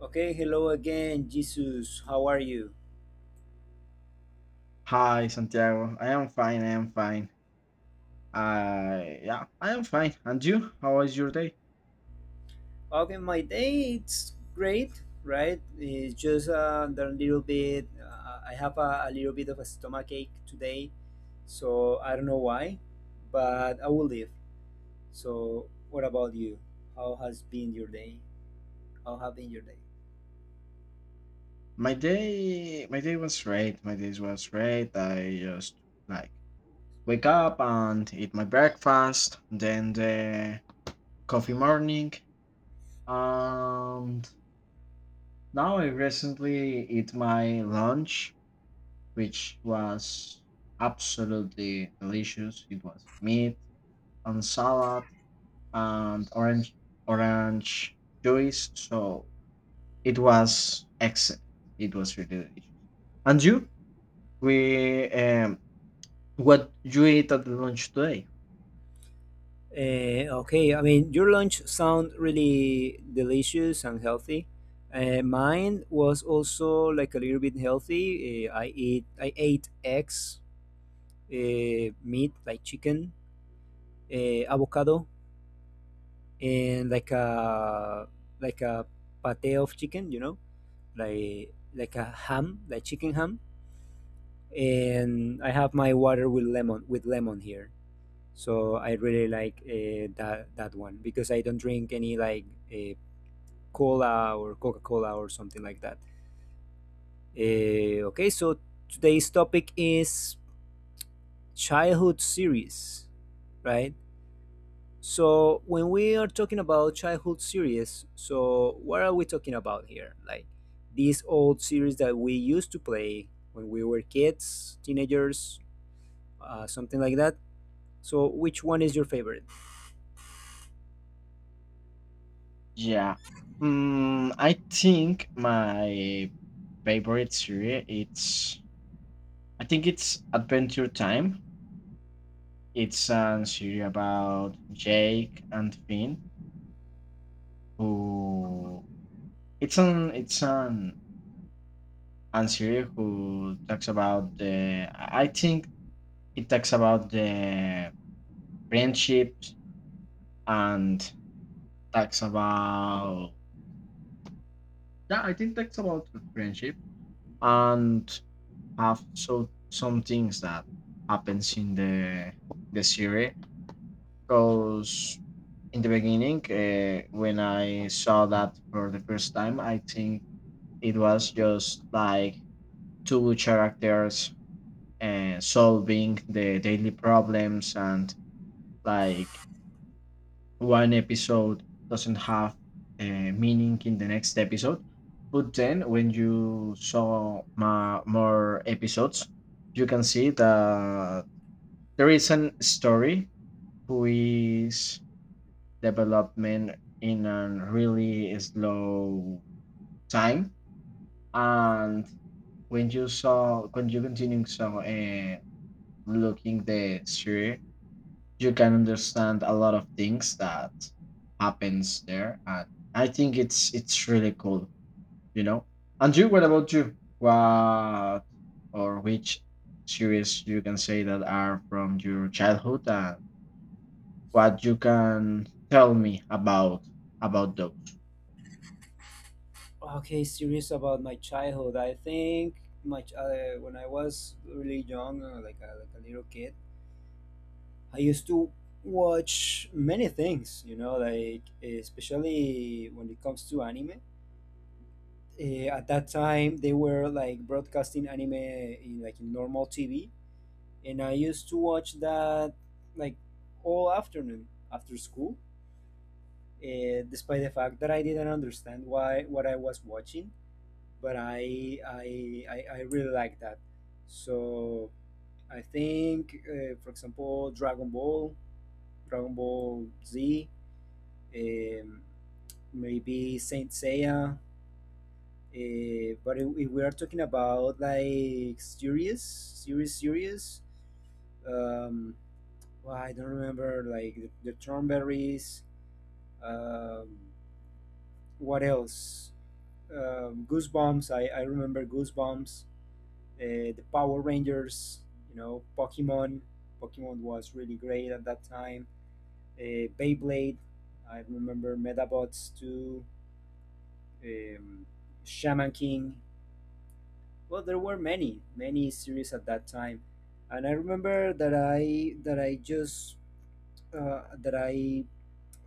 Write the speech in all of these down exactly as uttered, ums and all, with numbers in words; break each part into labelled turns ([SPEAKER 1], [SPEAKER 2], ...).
[SPEAKER 1] Okay, hello again, Jesus. How are you?
[SPEAKER 2] Hi, Santiago. I am fine. I am fine. I Yeah, I am fine. And you? How was your day?
[SPEAKER 1] Okay, my day it's great, right? It's just uh, a little bit. Uh, I have a, a little bit of a stomach ache today, so I don't know why, but I will live. So, what about you? How has been your day? How have been your day?
[SPEAKER 2] My day, my day was great. My day was great. I just like wake up and eat my breakfast, then the coffee morning, and now I recently eat my lunch, which was absolutely delicious. It was meat and salad and orange orange juice. So it was excellent. It was really delicious. And you, we um, what you ate at the lunch today?
[SPEAKER 1] Uh, okay, I mean, your lunch sound really delicious and healthy. Uh, mine was also like a little bit healthy. Uh, I eat, I ate eggs, uh, meat like chicken, uh, avocado, and like a like a pate of chicken, you know, like like a ham, like chicken ham. And I have my water with lemon with lemon here. So I really like uh, that that one because I don't drink any like uh, cola or Coca Cola or something like that. Eh, okay, so today's topic is childhood series, right? So when we are talking about childhood series, so what are we talking about here? Like these old series that we used to play when we were kids, teenagers, uh, something like that. So which one is your favorite?
[SPEAKER 2] Yeah, mm, I think my favorite series, it's I think it's Adventure Time. It's a series about Jake and Finn who it's an it's an and series who talks about the, I I think it talks about the friendships and talks about, yeah, I think talks about the friendship and have so some things that happens in the the series. Because in the beginning, uh, when I saw that for the first time, I think it was just like two characters, uh, solving the daily problems, and like one episode doesn't have a meaning in the next episode. But then when you saw ma- more episodes, you can see that there is an story who is development in a really slow time. And when you saw, when you continue, so uh, looking the series, you can understand a lot of things that happens there. And i think it's it's really cool, you know and you, what about you, what or which series you can say that are from your childhood, and what you can tell me about about those?
[SPEAKER 1] Okay, series about my childhood. I think my ch- uh, when I was really young, uh, like a, like a little kid. I used to watch many things, you know, like especially when it comes to anime. Uh, at that time, they were like broadcasting anime in like in normal T V, and I used to watch that like all afternoon after school. Uh, despite the fact that I didn't understand why what I was watching, but I I I, I really like that. So I think, uh, for example, Dragon Ball, Dragon Ball Z, um, maybe Saint Seiya. Uh, but if, if we are talking about like serious, serious, serious, um, well, I don't remember like the, the Thornberries. Um, what else? Um, Goosebumps. I, I remember Goosebumps. Uh, The Power Rangers. You know, Pokemon. Pokemon was really great at that time. Uh, Beyblade. I remember Metabots too. um, Shaman King. Well, there were many, many series at that time, and I remember that I that I just uh, that I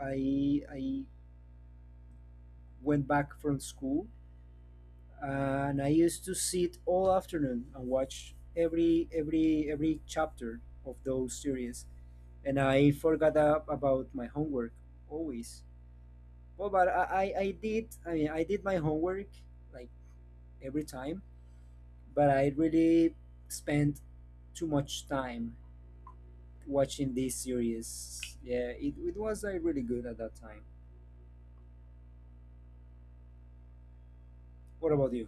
[SPEAKER 1] I I went back from school, and I used to sit all afternoon and watch every every every chapter of those series, and I forgot a- about my homework always. Well, but I I, I did I mean I did my homework like every time, but I really spent too much time watching these series. Yeah, it, it was uh, really good at that time. What about you?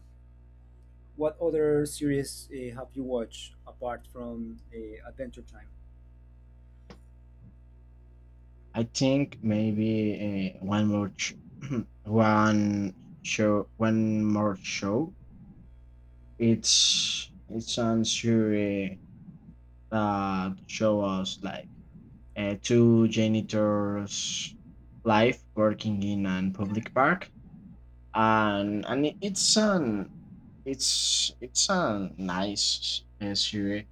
[SPEAKER 1] What other series uh, have you watched apart from uh, Adventure Time?
[SPEAKER 2] I think maybe, uh, one more ch- one show one more show. It's it's on series, uh, show us like, uh, two janitors' life working in an public park. And and it- it's an it's it's a nice, uh, series,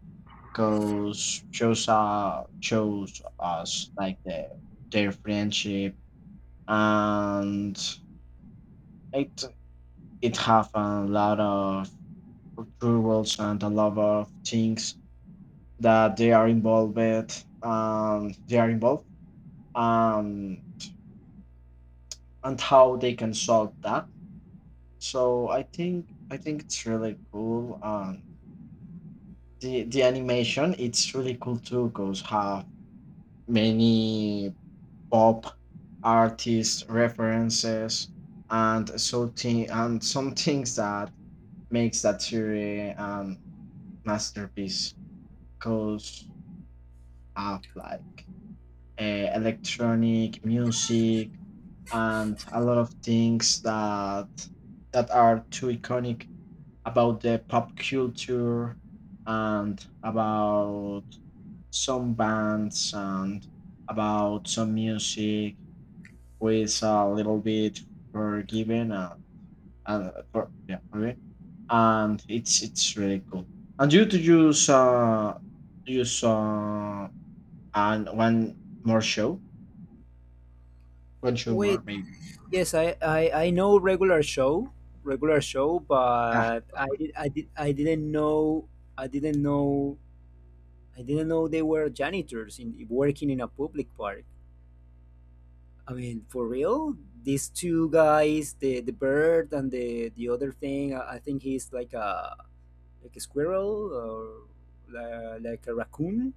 [SPEAKER 2] because shows uh shows us like the their friendship. And it it have a lot of rules and a lot of things that they are involved with, um they are involved, um, and how they can solve that. So I think I think it's really cool. Um, the the animation it's really cool too, cause have many pop artist references and so thi- and some things that makes that series um masterpiece. Cause have like, uh, electronic music and a lot of things that that are too iconic about the pop culture and about some bands and about some music with a little bit forgiven, uh, and for, yeah, okay, and it's it's really cool. And you, to use uh use uh and one more show, one show more
[SPEAKER 1] Wait,
[SPEAKER 2] maybe.
[SPEAKER 1] yes, I, I, I know regular show, regular show,
[SPEAKER 2] Ah,
[SPEAKER 1] but I did I did I didn't know I didn't know I didn't know they were janitors in working in a public park. I mean, for real, these two guys, the the bird and the the other thing, I I think he's like a like a squirrel or li- like a raccoon,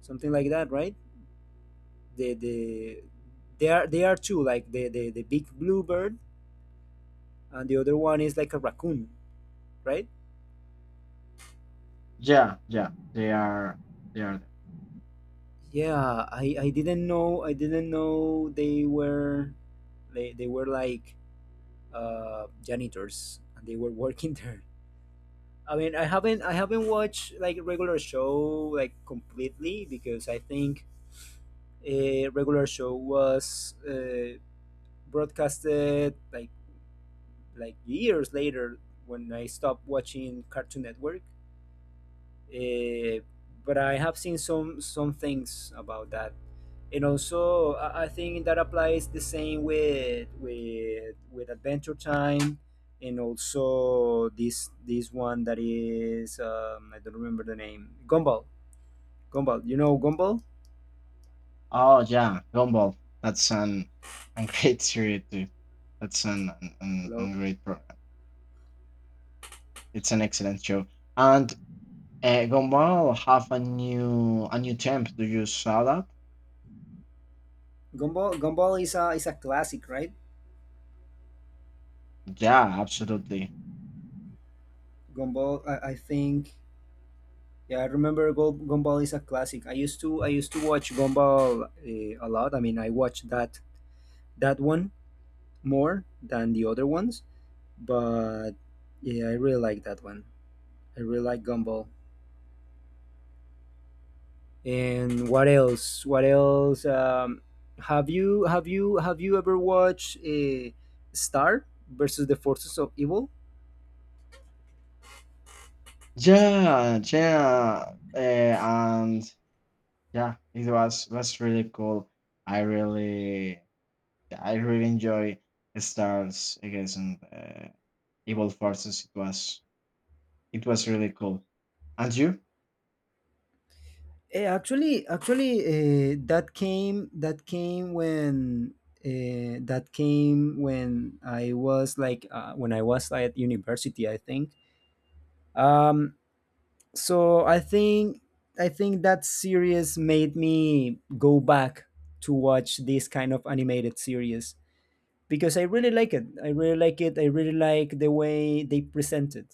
[SPEAKER 1] something like that, right? The the they are they are two, like the the the big blue bird and the other one is like a raccoon, right?
[SPEAKER 2] yeah, yeah, they are, they are there.
[SPEAKER 1] Yeah, I I didn't know I didn't know they were they they were like uh janitors and they were working there. I mean, I haven't I haven't watched like a regular show like completely because I think a regular show was uh, broadcasted like like years later when I stopped watching Cartoon Network. Uh, but I have seen some some things about that, and also I I think that applies the same with with with Adventure Time, and also this this one that is um, I don't remember the name Gumball. Gumball, you know Gumball?
[SPEAKER 2] Oh, yeah, Gumball. That's an, a great series too. That's an, an, an an
[SPEAKER 1] Hello,
[SPEAKER 2] great program. It's an excellent show. And, uh, Gumball have a new a new temp. Do you saw that?
[SPEAKER 1] Gumball. Gumball is a is a classic, right?
[SPEAKER 2] Yeah, absolutely.
[SPEAKER 1] Gumball, I, I think. Yeah, I remember Gu- Gumball is a classic. I used to I used to watch Gumball uh, a lot. I mean, I watched that that one more than the other ones, but yeah, I really like that one. I really like Gumball. And what else? What else? Um, have you have you have you ever watched uh, Star versus the Forces of Evil?
[SPEAKER 2] Yeah, yeah, uh, and yeah, it was was really cool. I really, I really enjoy Stars against, uh, Evil Forces. It was, it was really cool. And you?
[SPEAKER 1] Eh, actually, actually, uh, that came that came when uh, that came when I was like uh, when I was at university, I think. Um, so i think I think that series made me go back to watch this kind of animated series because i really like it i really like it I really like the way they presented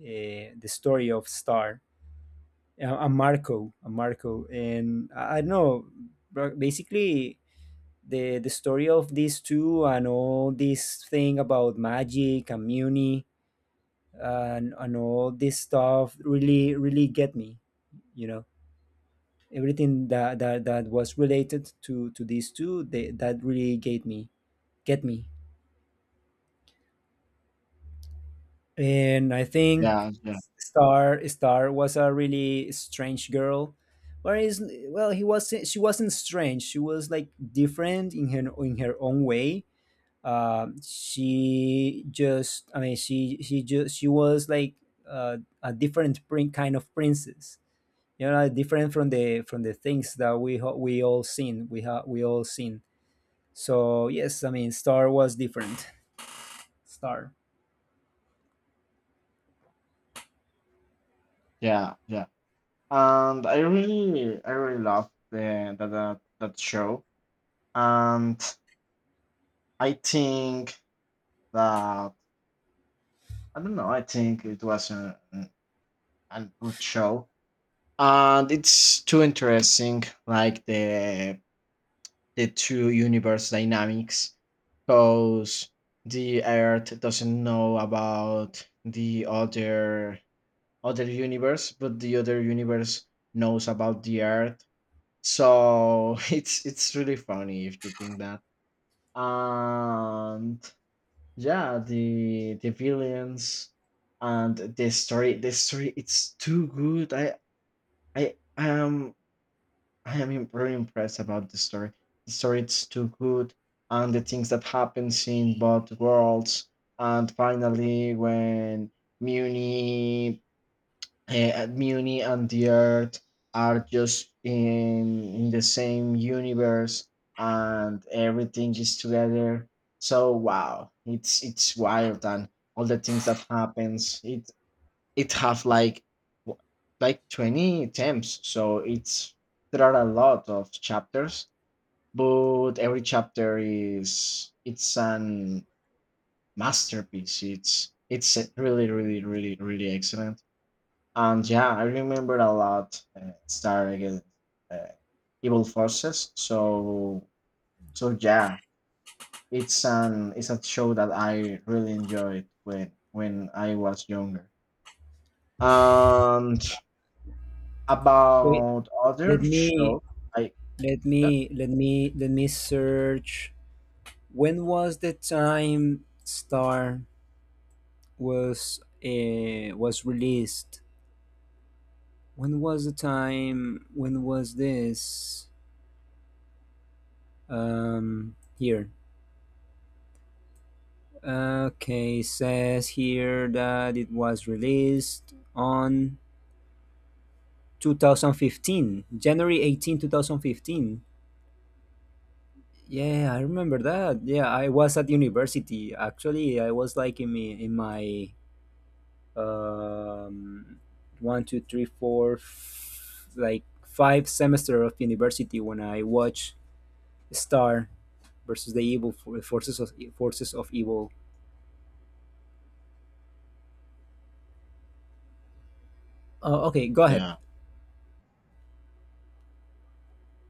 [SPEAKER 1] uh, the story of Star, uh, and marco and Marco, and i, I don't know, bro- basically the the story of these two and all this thing about magic and Muni and, and all this stuff really really get me, you know, everything that that, that was related to to these two they, that really gave me, get me. And I think
[SPEAKER 2] Yeah, yeah,
[SPEAKER 1] star Star was a really strange girl, whereas well he was she wasn't strange, she was like different in her in her own way. Um she just, i mean she she just she was like uh, a different prin- kind of princess, you know, like different from the from the things that we ho- we all seen, we have we all seen. So yes, I mean, Star was different. Star.
[SPEAKER 2] yeah, yeah. And I really, I really love the that that, that show. And I think that I don't know. I think it was a, a good show, and it's too interesting. Like the the two universe dynamics, because the Earth doesn't know about the other other universe, but the other universe knows about the Earth. So it's it's really funny if you think that. And yeah, the the villains and the story the story it's too good. I I I am I am im- really impressed about the story. The story it's too good, and the things that happens in both worlds. And finally when Muni uh, Muni and the Earth are just in in the same universe, and everything is together. So wow, it's it's wild, and all the things that happens. It it have like, w- like twenty attempts, so it's there are a lot of chapters, but every chapter is it's an masterpiece. It's it's really really really really excellent. And yeah, I remember a lot, uh, Star against, uh, Evil Forces. So so yeah, it's an it's a show that I really enjoyed when when I was younger. And
[SPEAKER 1] Wait,
[SPEAKER 2] about
[SPEAKER 1] let
[SPEAKER 2] other
[SPEAKER 1] me
[SPEAKER 2] shows. I
[SPEAKER 1] let
[SPEAKER 2] Yeah,
[SPEAKER 1] me let me let me search. When was the time Star was uh, was released? When was the time? When was this? Um, here. Okay, says here that it was released on twenty fifteen, January eighteenth, twenty fifteen. Yeah, I remember that. Yeah, I was at university. Actually, I was like in my in my um one, two, three, four, f- like five semester of university when I watched Star versus the evil for- forces of forces of evil. Uh, okay, go ahead.
[SPEAKER 2] yeah.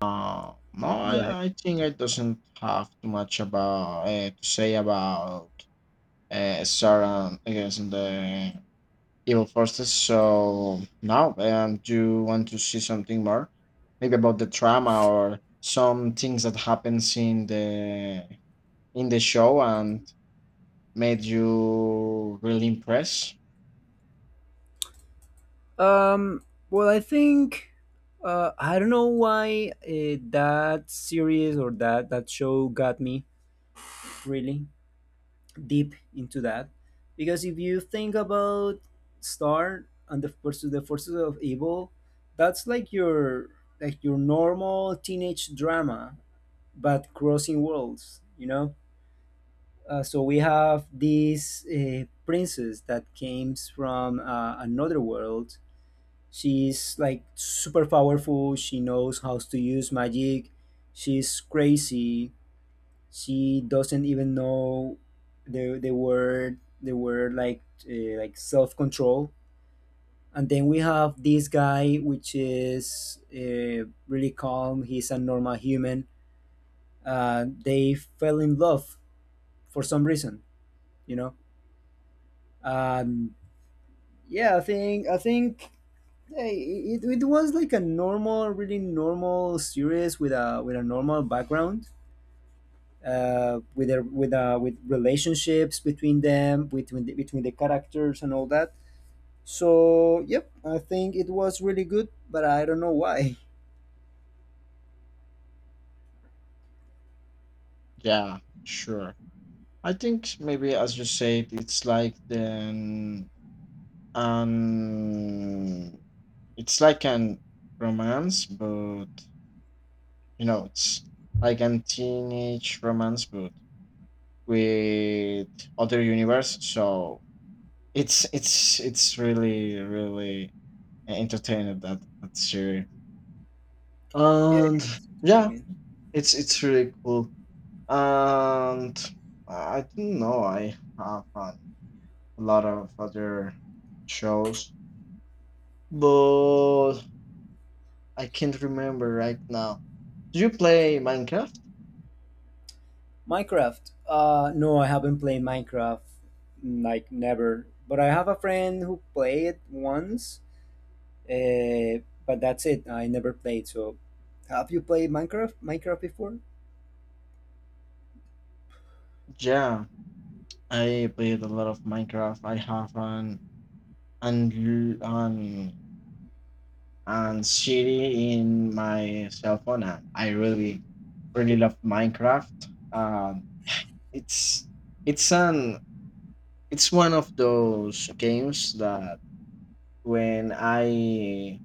[SPEAKER 2] Uh, no,
[SPEAKER 1] Go ahead.
[SPEAKER 2] I, I think I doesn't have too much about, uh, to say about, uh, Star and against the evil forces. So now, um, do you want to see something more? Maybe about the trauma or some things that happens in the in the show and made you really impressed.
[SPEAKER 1] Um. Well, I think uh, I don't know why uh, that series or that that show got me really deep into that, because if you think about Star and the forces the forces of evil, that's like your like your normal teenage drama, but crossing worlds, you know. Uh, so we have this uh, princess that came from uh, another world. She's like super powerful, she knows how to use magic, she's crazy, she doesn't even know the the word the word like uh, like self control. And then we have this guy which is uh, really calm, he's a normal human. Uh, they fell in love for some reason, you know. um, yeah, i think I think eh, it, it was like a normal, really normal series with a with a normal background, uh, with their with uh, with relationships between them, between the, between the characters and all that. So yep, I think it was really good, but I don't know why.
[SPEAKER 2] Yeah, sure. I think maybe as you said, it's like the, um, it's like an romance, but, you know, it's like a teenage romance, but with other universe. So it's it's it's really really entertaining that that series.
[SPEAKER 1] Yeah,
[SPEAKER 2] And
[SPEAKER 1] I
[SPEAKER 2] yeah,
[SPEAKER 1] mean
[SPEAKER 2] it's it's really cool. And I don't know. I have, uh, a lot of other shows, but I can't remember right now. Do you play Minecraft?
[SPEAKER 1] Minecraft. Uh, no, I haven't played Minecraft like never. But I have a friend who played once, uh, but that's it. I never played. So, have you played Minecraft Minecraft before?
[SPEAKER 2] Yeah, I played a lot of Minecraft. I have an and an and Siri in my cell phone. And I really, really love Minecraft. Um, it's it's an it's one of those games that when I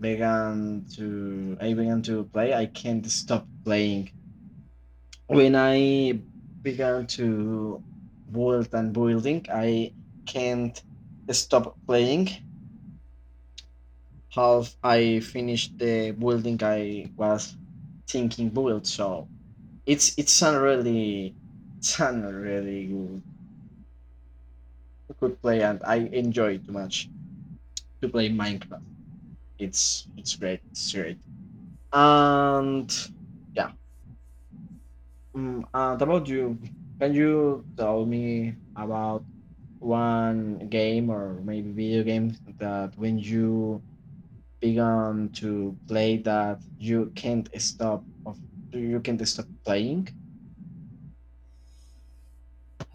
[SPEAKER 2] began to I began to play, I can't stop playing. When I began to build and building, I can't stop playing. Half I finished the building I was thinking build. So it's it's a really it's a really good, good play, and I enjoy too much to play Minecraft. It's it's great, it's great. And yeah, mm, and about you, can you tell me about one game or maybe video game that when you begun to play that you can't stop of you can't stop playing?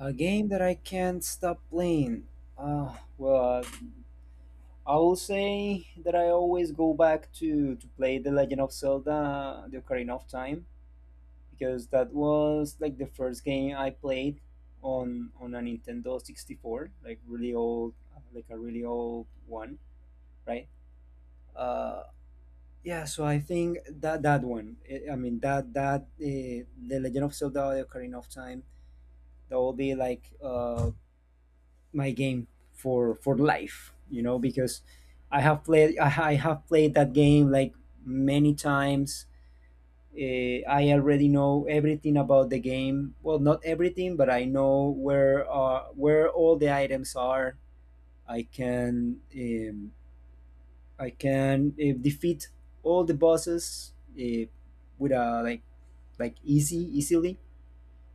[SPEAKER 1] A game that I can't stop playing. Ah, well, I will say that I always go back to to play The Legend of Zelda: The Ocarina of Time, because that was like the first game I played on on a Nintendo sixty-four, like really old, like a really old one, right? Uh, yeah, so I think that that one, eh, I mean that that uh, The Legend of Zelda: The Ocarina of Time, that will be like uh, my game for for life, you know, because i have played i ha- I have played that game like many times. uh, I already know everything about the game, well not everything, but I know where uh, where all the items are. i can um, I can uh, defeat all the bosses uh, with a like like easy easily,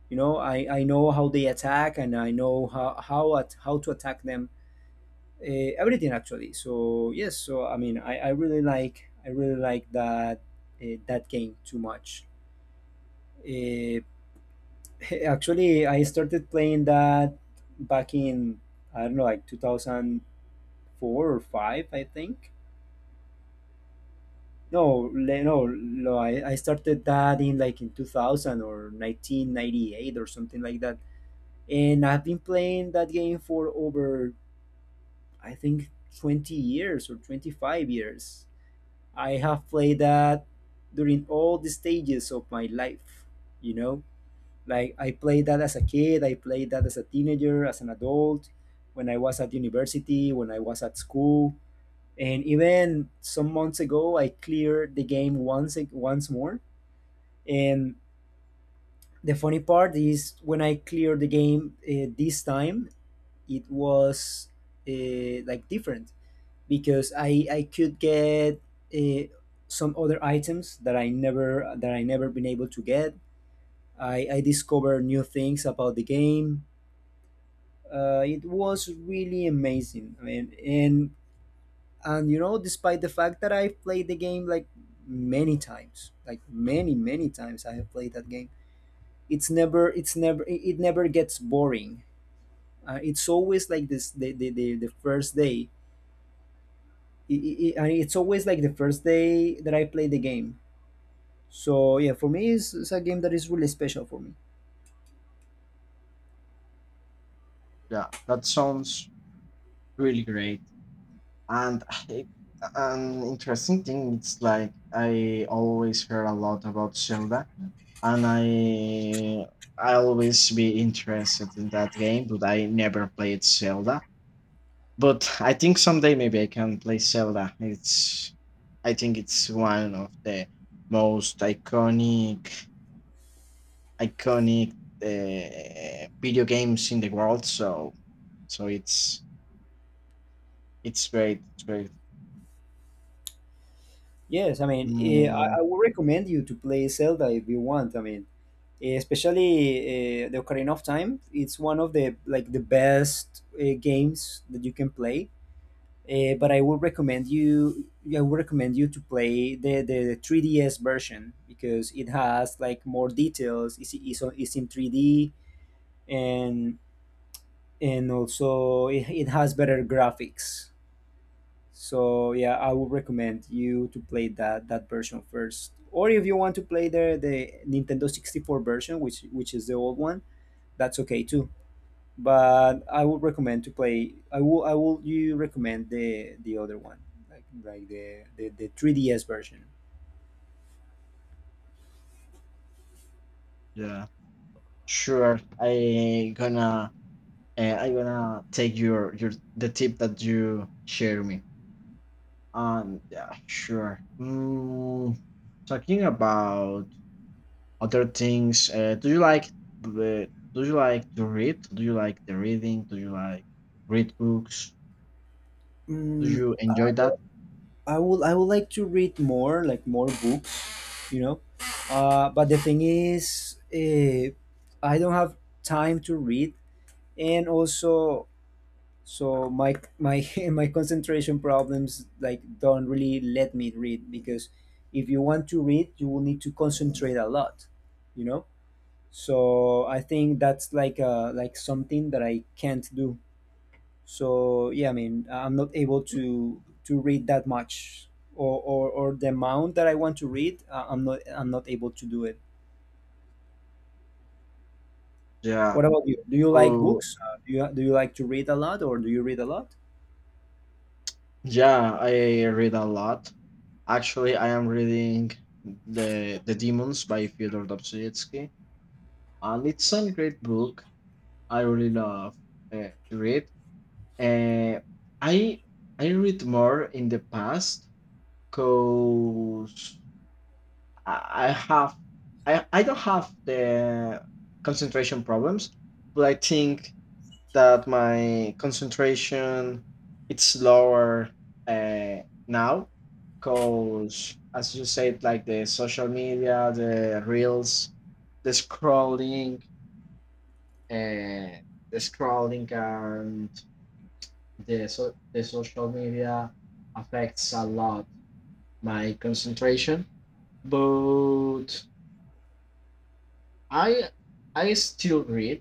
[SPEAKER 1] you know. I I know how they attack and I know how how at, how to attack them, uh, everything actually. So yes, so I mean, I, I really like I really like that uh, that game too much. Uh, Actually, I started playing that back in I don't know like two thousand four or five, I think. No, le- no, no. I, I started that in like in two thousand or nineteen ninety-eight or something like that. And I've been playing that game for over I think twenty years or twenty-five years. I have played that during all the stages of my life, you know? Like I played that as a kid, I played that as a teenager, as an adult, when I was at university, when I was at school, and even some months ago I cleared the game once once more. And the funny part is when I cleared the game uh, this time, it was uh, like different because I I could get uh, some other items that I never that I never been able to get. I I discovered new things about the game. Uh, it was really amazing. I mean, and and you know, despite the fact that I've played the game like many times, like many many times, I have played that game. It's never it's never it it never gets boring. Uh, it's always like this the the, the, the first day. It, it, it- and it's always like the first day that I play the game. So yeah, for me, it's, it's a game that is really special for me.
[SPEAKER 2] Yeah, that sounds really great. And I, an interesting thing, it's like I always heard a lot about Zelda, and I I always be interested in that game, but I never played Zelda. But I think someday maybe I can play Zelda. It's I think it's one of the most iconic iconic, uh, video games in the world. So so it's it's great. It's great.
[SPEAKER 1] Yes, I mean, eh,
[SPEAKER 2] Mm,
[SPEAKER 1] I, I would recommend you to play Zelda if you want. I mean, eh, especially uh, the Ocarina of Time. It's one of the like the best uh, games that you can play. Uh, but I would recommend you. Yeah, I would recommend you to play the, the three D S version because it has like more details. It's, it's, on- it's in three D, and and also it, it has better graphics. So yeah, I would recommend you to play that that version first. Or if you want to play the the Nintendo sixty-four version, which which is the old one, that's okay too. But I would recommend to play. I will I will you recommend the the other one, like like the the, the three D S version.
[SPEAKER 2] yeah, sure. I gonna uh, I gonna take your your the tip that you share me. Um, yeah, sure. Mm, talking about other things, uh, do you like the do you like to read? Do you like the reading? Do you like read books? Do
[SPEAKER 1] Mm,
[SPEAKER 2] you enjoy that?
[SPEAKER 1] I would I would like to read more, like more books, you know. Uh, but the thing is, uh, I don't have time to read, and also so my my my concentration problems like don't really let me read because if you want to read you will need to concentrate a lot, you know so I think that's like uh like something that I can't do. So yeah, I mean, I'm not able to to read that much, or or, or the amount that I want to read. uh, i'm not i'm not able to do it.
[SPEAKER 2] Yeah.
[SPEAKER 1] What about you? Do you like
[SPEAKER 2] Oh,
[SPEAKER 1] books? Uh, do you do you like to read a lot, or do you read a lot?
[SPEAKER 2] yeah, I read a lot. Actually, I am reading the The Demons by Fyodor Dostoevsky, and it's a great book. I really love, uh, to read. Uh, I I read more in the past because I, I have I, I don't have the concentration problems, but I think that my concentration it's lower, uh, now, because as you said, like the social media, the reels, the scrolling uh, the scrolling, and the so- the social media affects a lot my concentration, but i i still read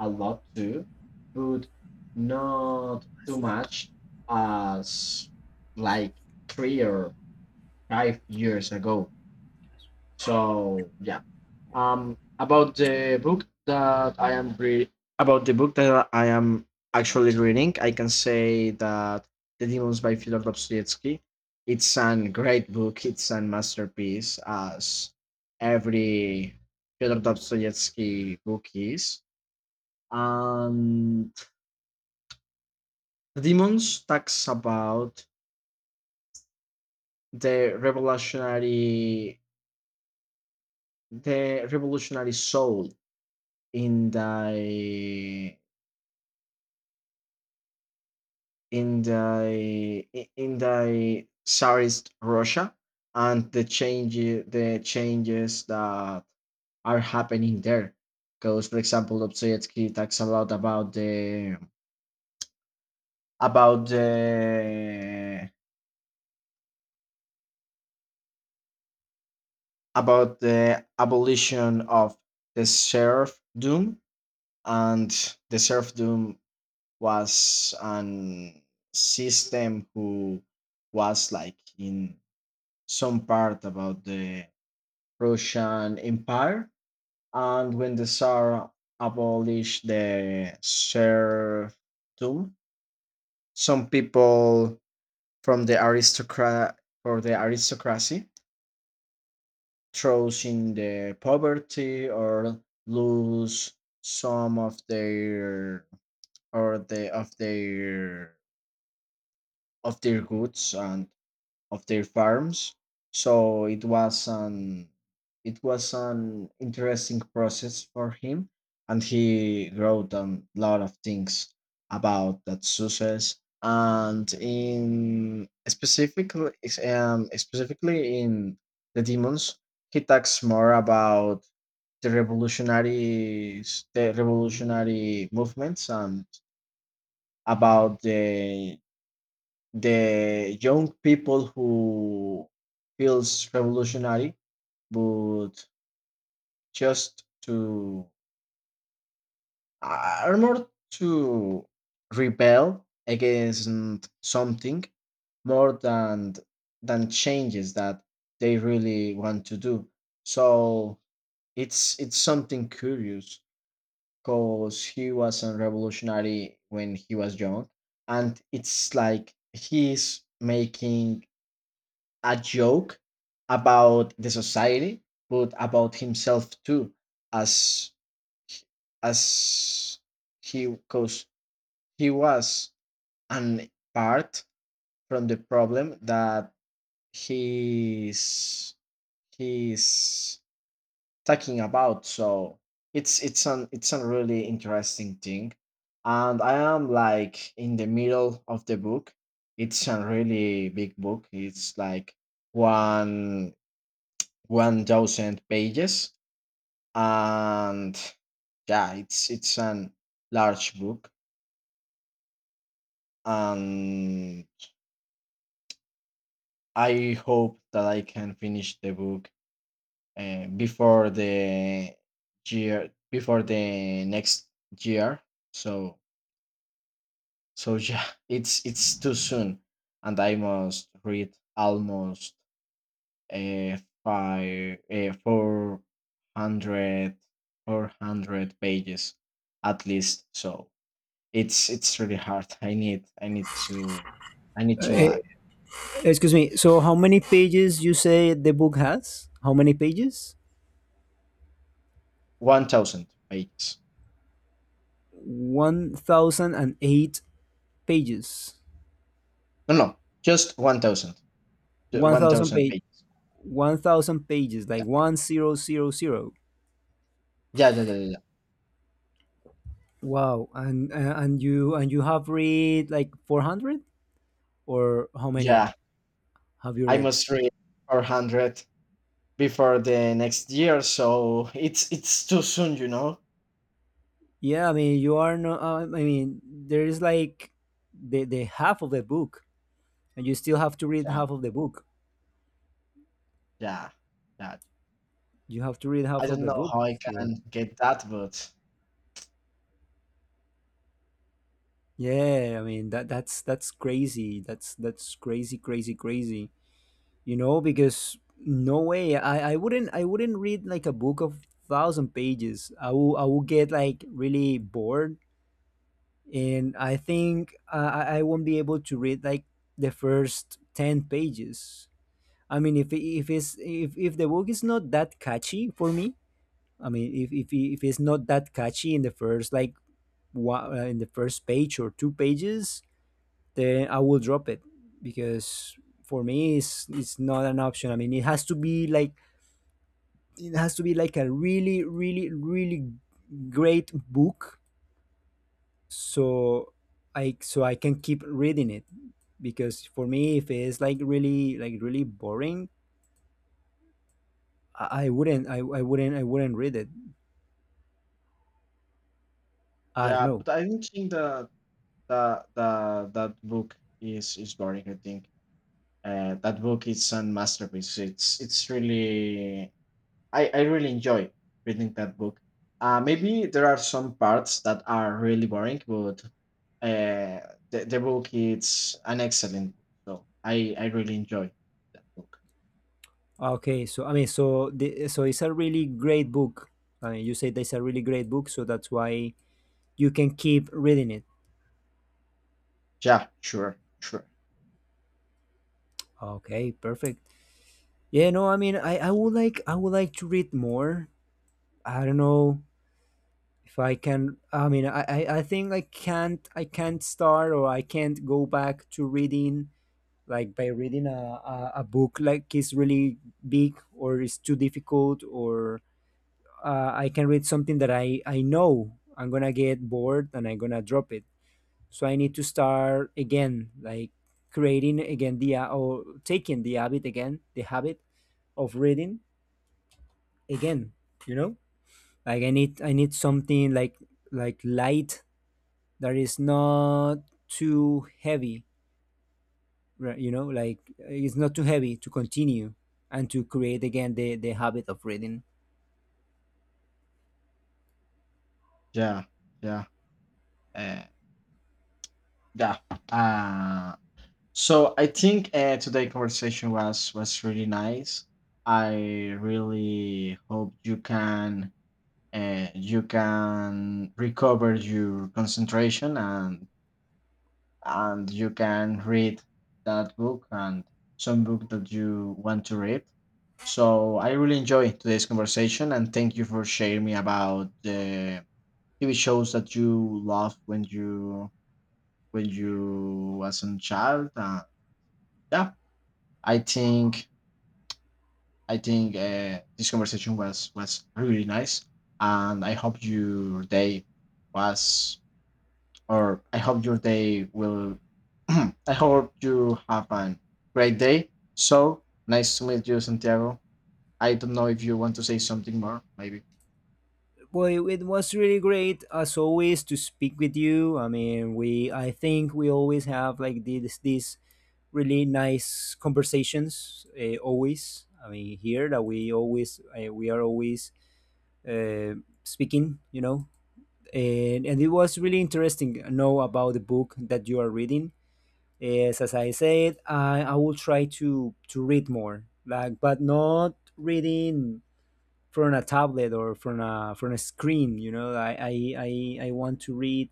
[SPEAKER 2] a lot too, but not too much as like three or five years ago. So yeah. Um, about the book that I am re- about the book that I am actually reading, I can say that The Demons by Fyodor Dostoevsky. It's an great book. It's a masterpiece, as every Fyodor Dostoevsky book is. And Demons talks about the revolutionary the revolutionary soul in the in the in the Tsarist Russia and the change the changes that are happening there. Because for example, Dostoevsky talks about about the about the about the abolition of the serfdom. And the serfdom was an system who was like in some part about the Russian Empire. And when the Tsar abolished the serfdom, some people from the aristocrat or the aristocracy throws in the poverty or lose some of their or the of their of their goods and of their farms. So it was an it was an interesting process for him, and he wrote a lot of things about that success. And in specifically, um, specifically, in the demons, he talks more about the revolutionaries, the revolutionary movements, and about the the young people who feels revolutionary, but just to are more to rebel against something, more than than changes that they really want to do. So it's it's something curious, because he was a revolutionary when he was young, and it's like he's making a joke about the society, but about himself too, as, as he, because he was an part from the problem that he's he's talking about. So it's it's an it's a really interesting thing, and I am like in the middle of the book. It's a really big book. It's like one 1000 pages. And yeah, it's it's an large book, and I hope that I can finish the book, uh, before the year, before the next year. So so yeah, it's it's too soon, and I must read almost, uh, five uh, four hundred, four hundred pages at least. So It's it's really hard. I need I need to I need to
[SPEAKER 1] Uh,
[SPEAKER 2] like
[SPEAKER 1] Excuse me. So, how many pages you say the book has? How many pages?
[SPEAKER 2] one thousand pages.
[SPEAKER 1] One thousand and eight pages.
[SPEAKER 2] No, no, just one thousand. Ju-
[SPEAKER 1] One thousand
[SPEAKER 2] one thousand
[SPEAKER 1] page.
[SPEAKER 2] pages.
[SPEAKER 1] One thousand pages,
[SPEAKER 2] Yeah.
[SPEAKER 1] like one zero zero zero.
[SPEAKER 2] Yeah, yeah, yeah, yeah. Yeah,
[SPEAKER 1] Wow. And uh, and you and you have read like four hundred, or how many
[SPEAKER 2] yeah,
[SPEAKER 1] have you
[SPEAKER 2] I
[SPEAKER 1] read?
[SPEAKER 2] must read four hundred before the next year, so it's it's too soon, you know.
[SPEAKER 1] Yeah, I mean you are no. Uh, I mean there is like the the half of the book, and you still have to read
[SPEAKER 2] Yeah,
[SPEAKER 1] half of the book.
[SPEAKER 2] yeah, yeah.
[SPEAKER 1] You have to read
[SPEAKER 2] I
[SPEAKER 1] half of
[SPEAKER 2] don't
[SPEAKER 1] the
[SPEAKER 2] know
[SPEAKER 1] book
[SPEAKER 2] how I
[SPEAKER 1] still.
[SPEAKER 2] can get that, but,
[SPEAKER 1] Yeah, I mean that that's that's crazy. That's that's crazy, crazy, crazy. You know, because no way. I I wouldn't I wouldn't read like a book of thousand pages. I will I will get like really bored, and I think I I I won't be able to read like the first ten pages. I mean, if if it's if if the book is not that catchy for me, I mean, if if if it's not that catchy in the first like one, in the first page or two pages, then I will drop it, because for me it's it's not an option. I mean, it has to be like it has to be like a really really really great book, so I so I can keep reading it. Because for me if it's like really like really boring, I, I wouldn't I, I wouldn't I wouldn't read it. I don't
[SPEAKER 2] yeah,
[SPEAKER 1] know.
[SPEAKER 2] but I don't think that that that that book is is boring. I think, Uh, that book is a masterpiece. It's it's really, I I really enjoy reading that book. Uh, maybe there are some parts that are really boring, but, uh, the the book is an excellent book. So I I really enjoy that book.
[SPEAKER 1] Okay, so I mean so the, so it's a really great book. I mean you say that's a really great book, so that's why you can keep reading it.
[SPEAKER 2] Yeah, sure, sure.
[SPEAKER 1] Okay, perfect. Yeah, no, I mean, I, I would like I would like to read more. I don't know if I can. I mean, I, I, I think I can't I can't start, or I can't go back to reading like by reading a, a, a book like is really big or is too difficult, or uh, I can read something that I I know I'm gonna get bored and I'm gonna drop it. So I need to start again, like creating again the uh, or taking the habit again, the habit of reading again, you know. Like i need I need something like like light, that is not too heavy, right? You know, like it's not too heavy to continue and to create again the the habit of reading.
[SPEAKER 2] Yeah, yeah, uh, yeah. Uh, so I think, uh, today conversation was was really nice. I really hope you can uh, you can recover your concentration, and and you can read that book and some book that you want to read. So I really enjoyed today's conversation and thank you for sharing me about the T V shows that you loved when you when you was a child. Uh, yeah, I think I think, uh, this conversation was was really nice, and I hope your day was, or I hope your day will. I hope you have a great day. So nice to meet you, Santiago. I don't know if you want to say something more. Maybe.
[SPEAKER 1] Well, it, was really great as always to speak with you. I mean, we I think we always have like this this really nice conversations. Uh, always I mean here that we always, uh, we are always uh, speaking, you know. And, and it was really interesting to know about the book that you are reading. Yes, as I said, i, I will try to to read more, like, but not reading from a tablet or from a from a screen, you know. i i i, I want to read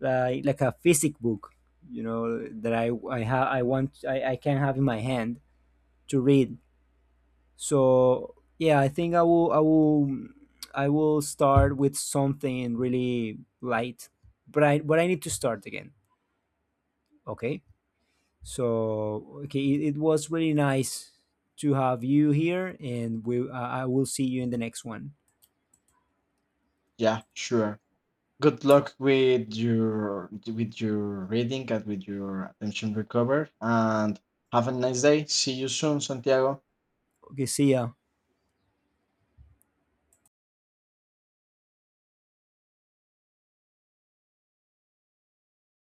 [SPEAKER 1] like like a physic book, you know, that I I have I want I, I can have in my hand to read. So yeah, I think i will i will I will start with something really light, but i but I need to start again. Okay, so okay, it, it was really nice to have you here, and we I I will see you in the next one.
[SPEAKER 2] Yeah, sure. Good luck with your with your reading and with your attention recovered, and have a nice day. See you soon, Santiago.
[SPEAKER 1] Okay, see ya.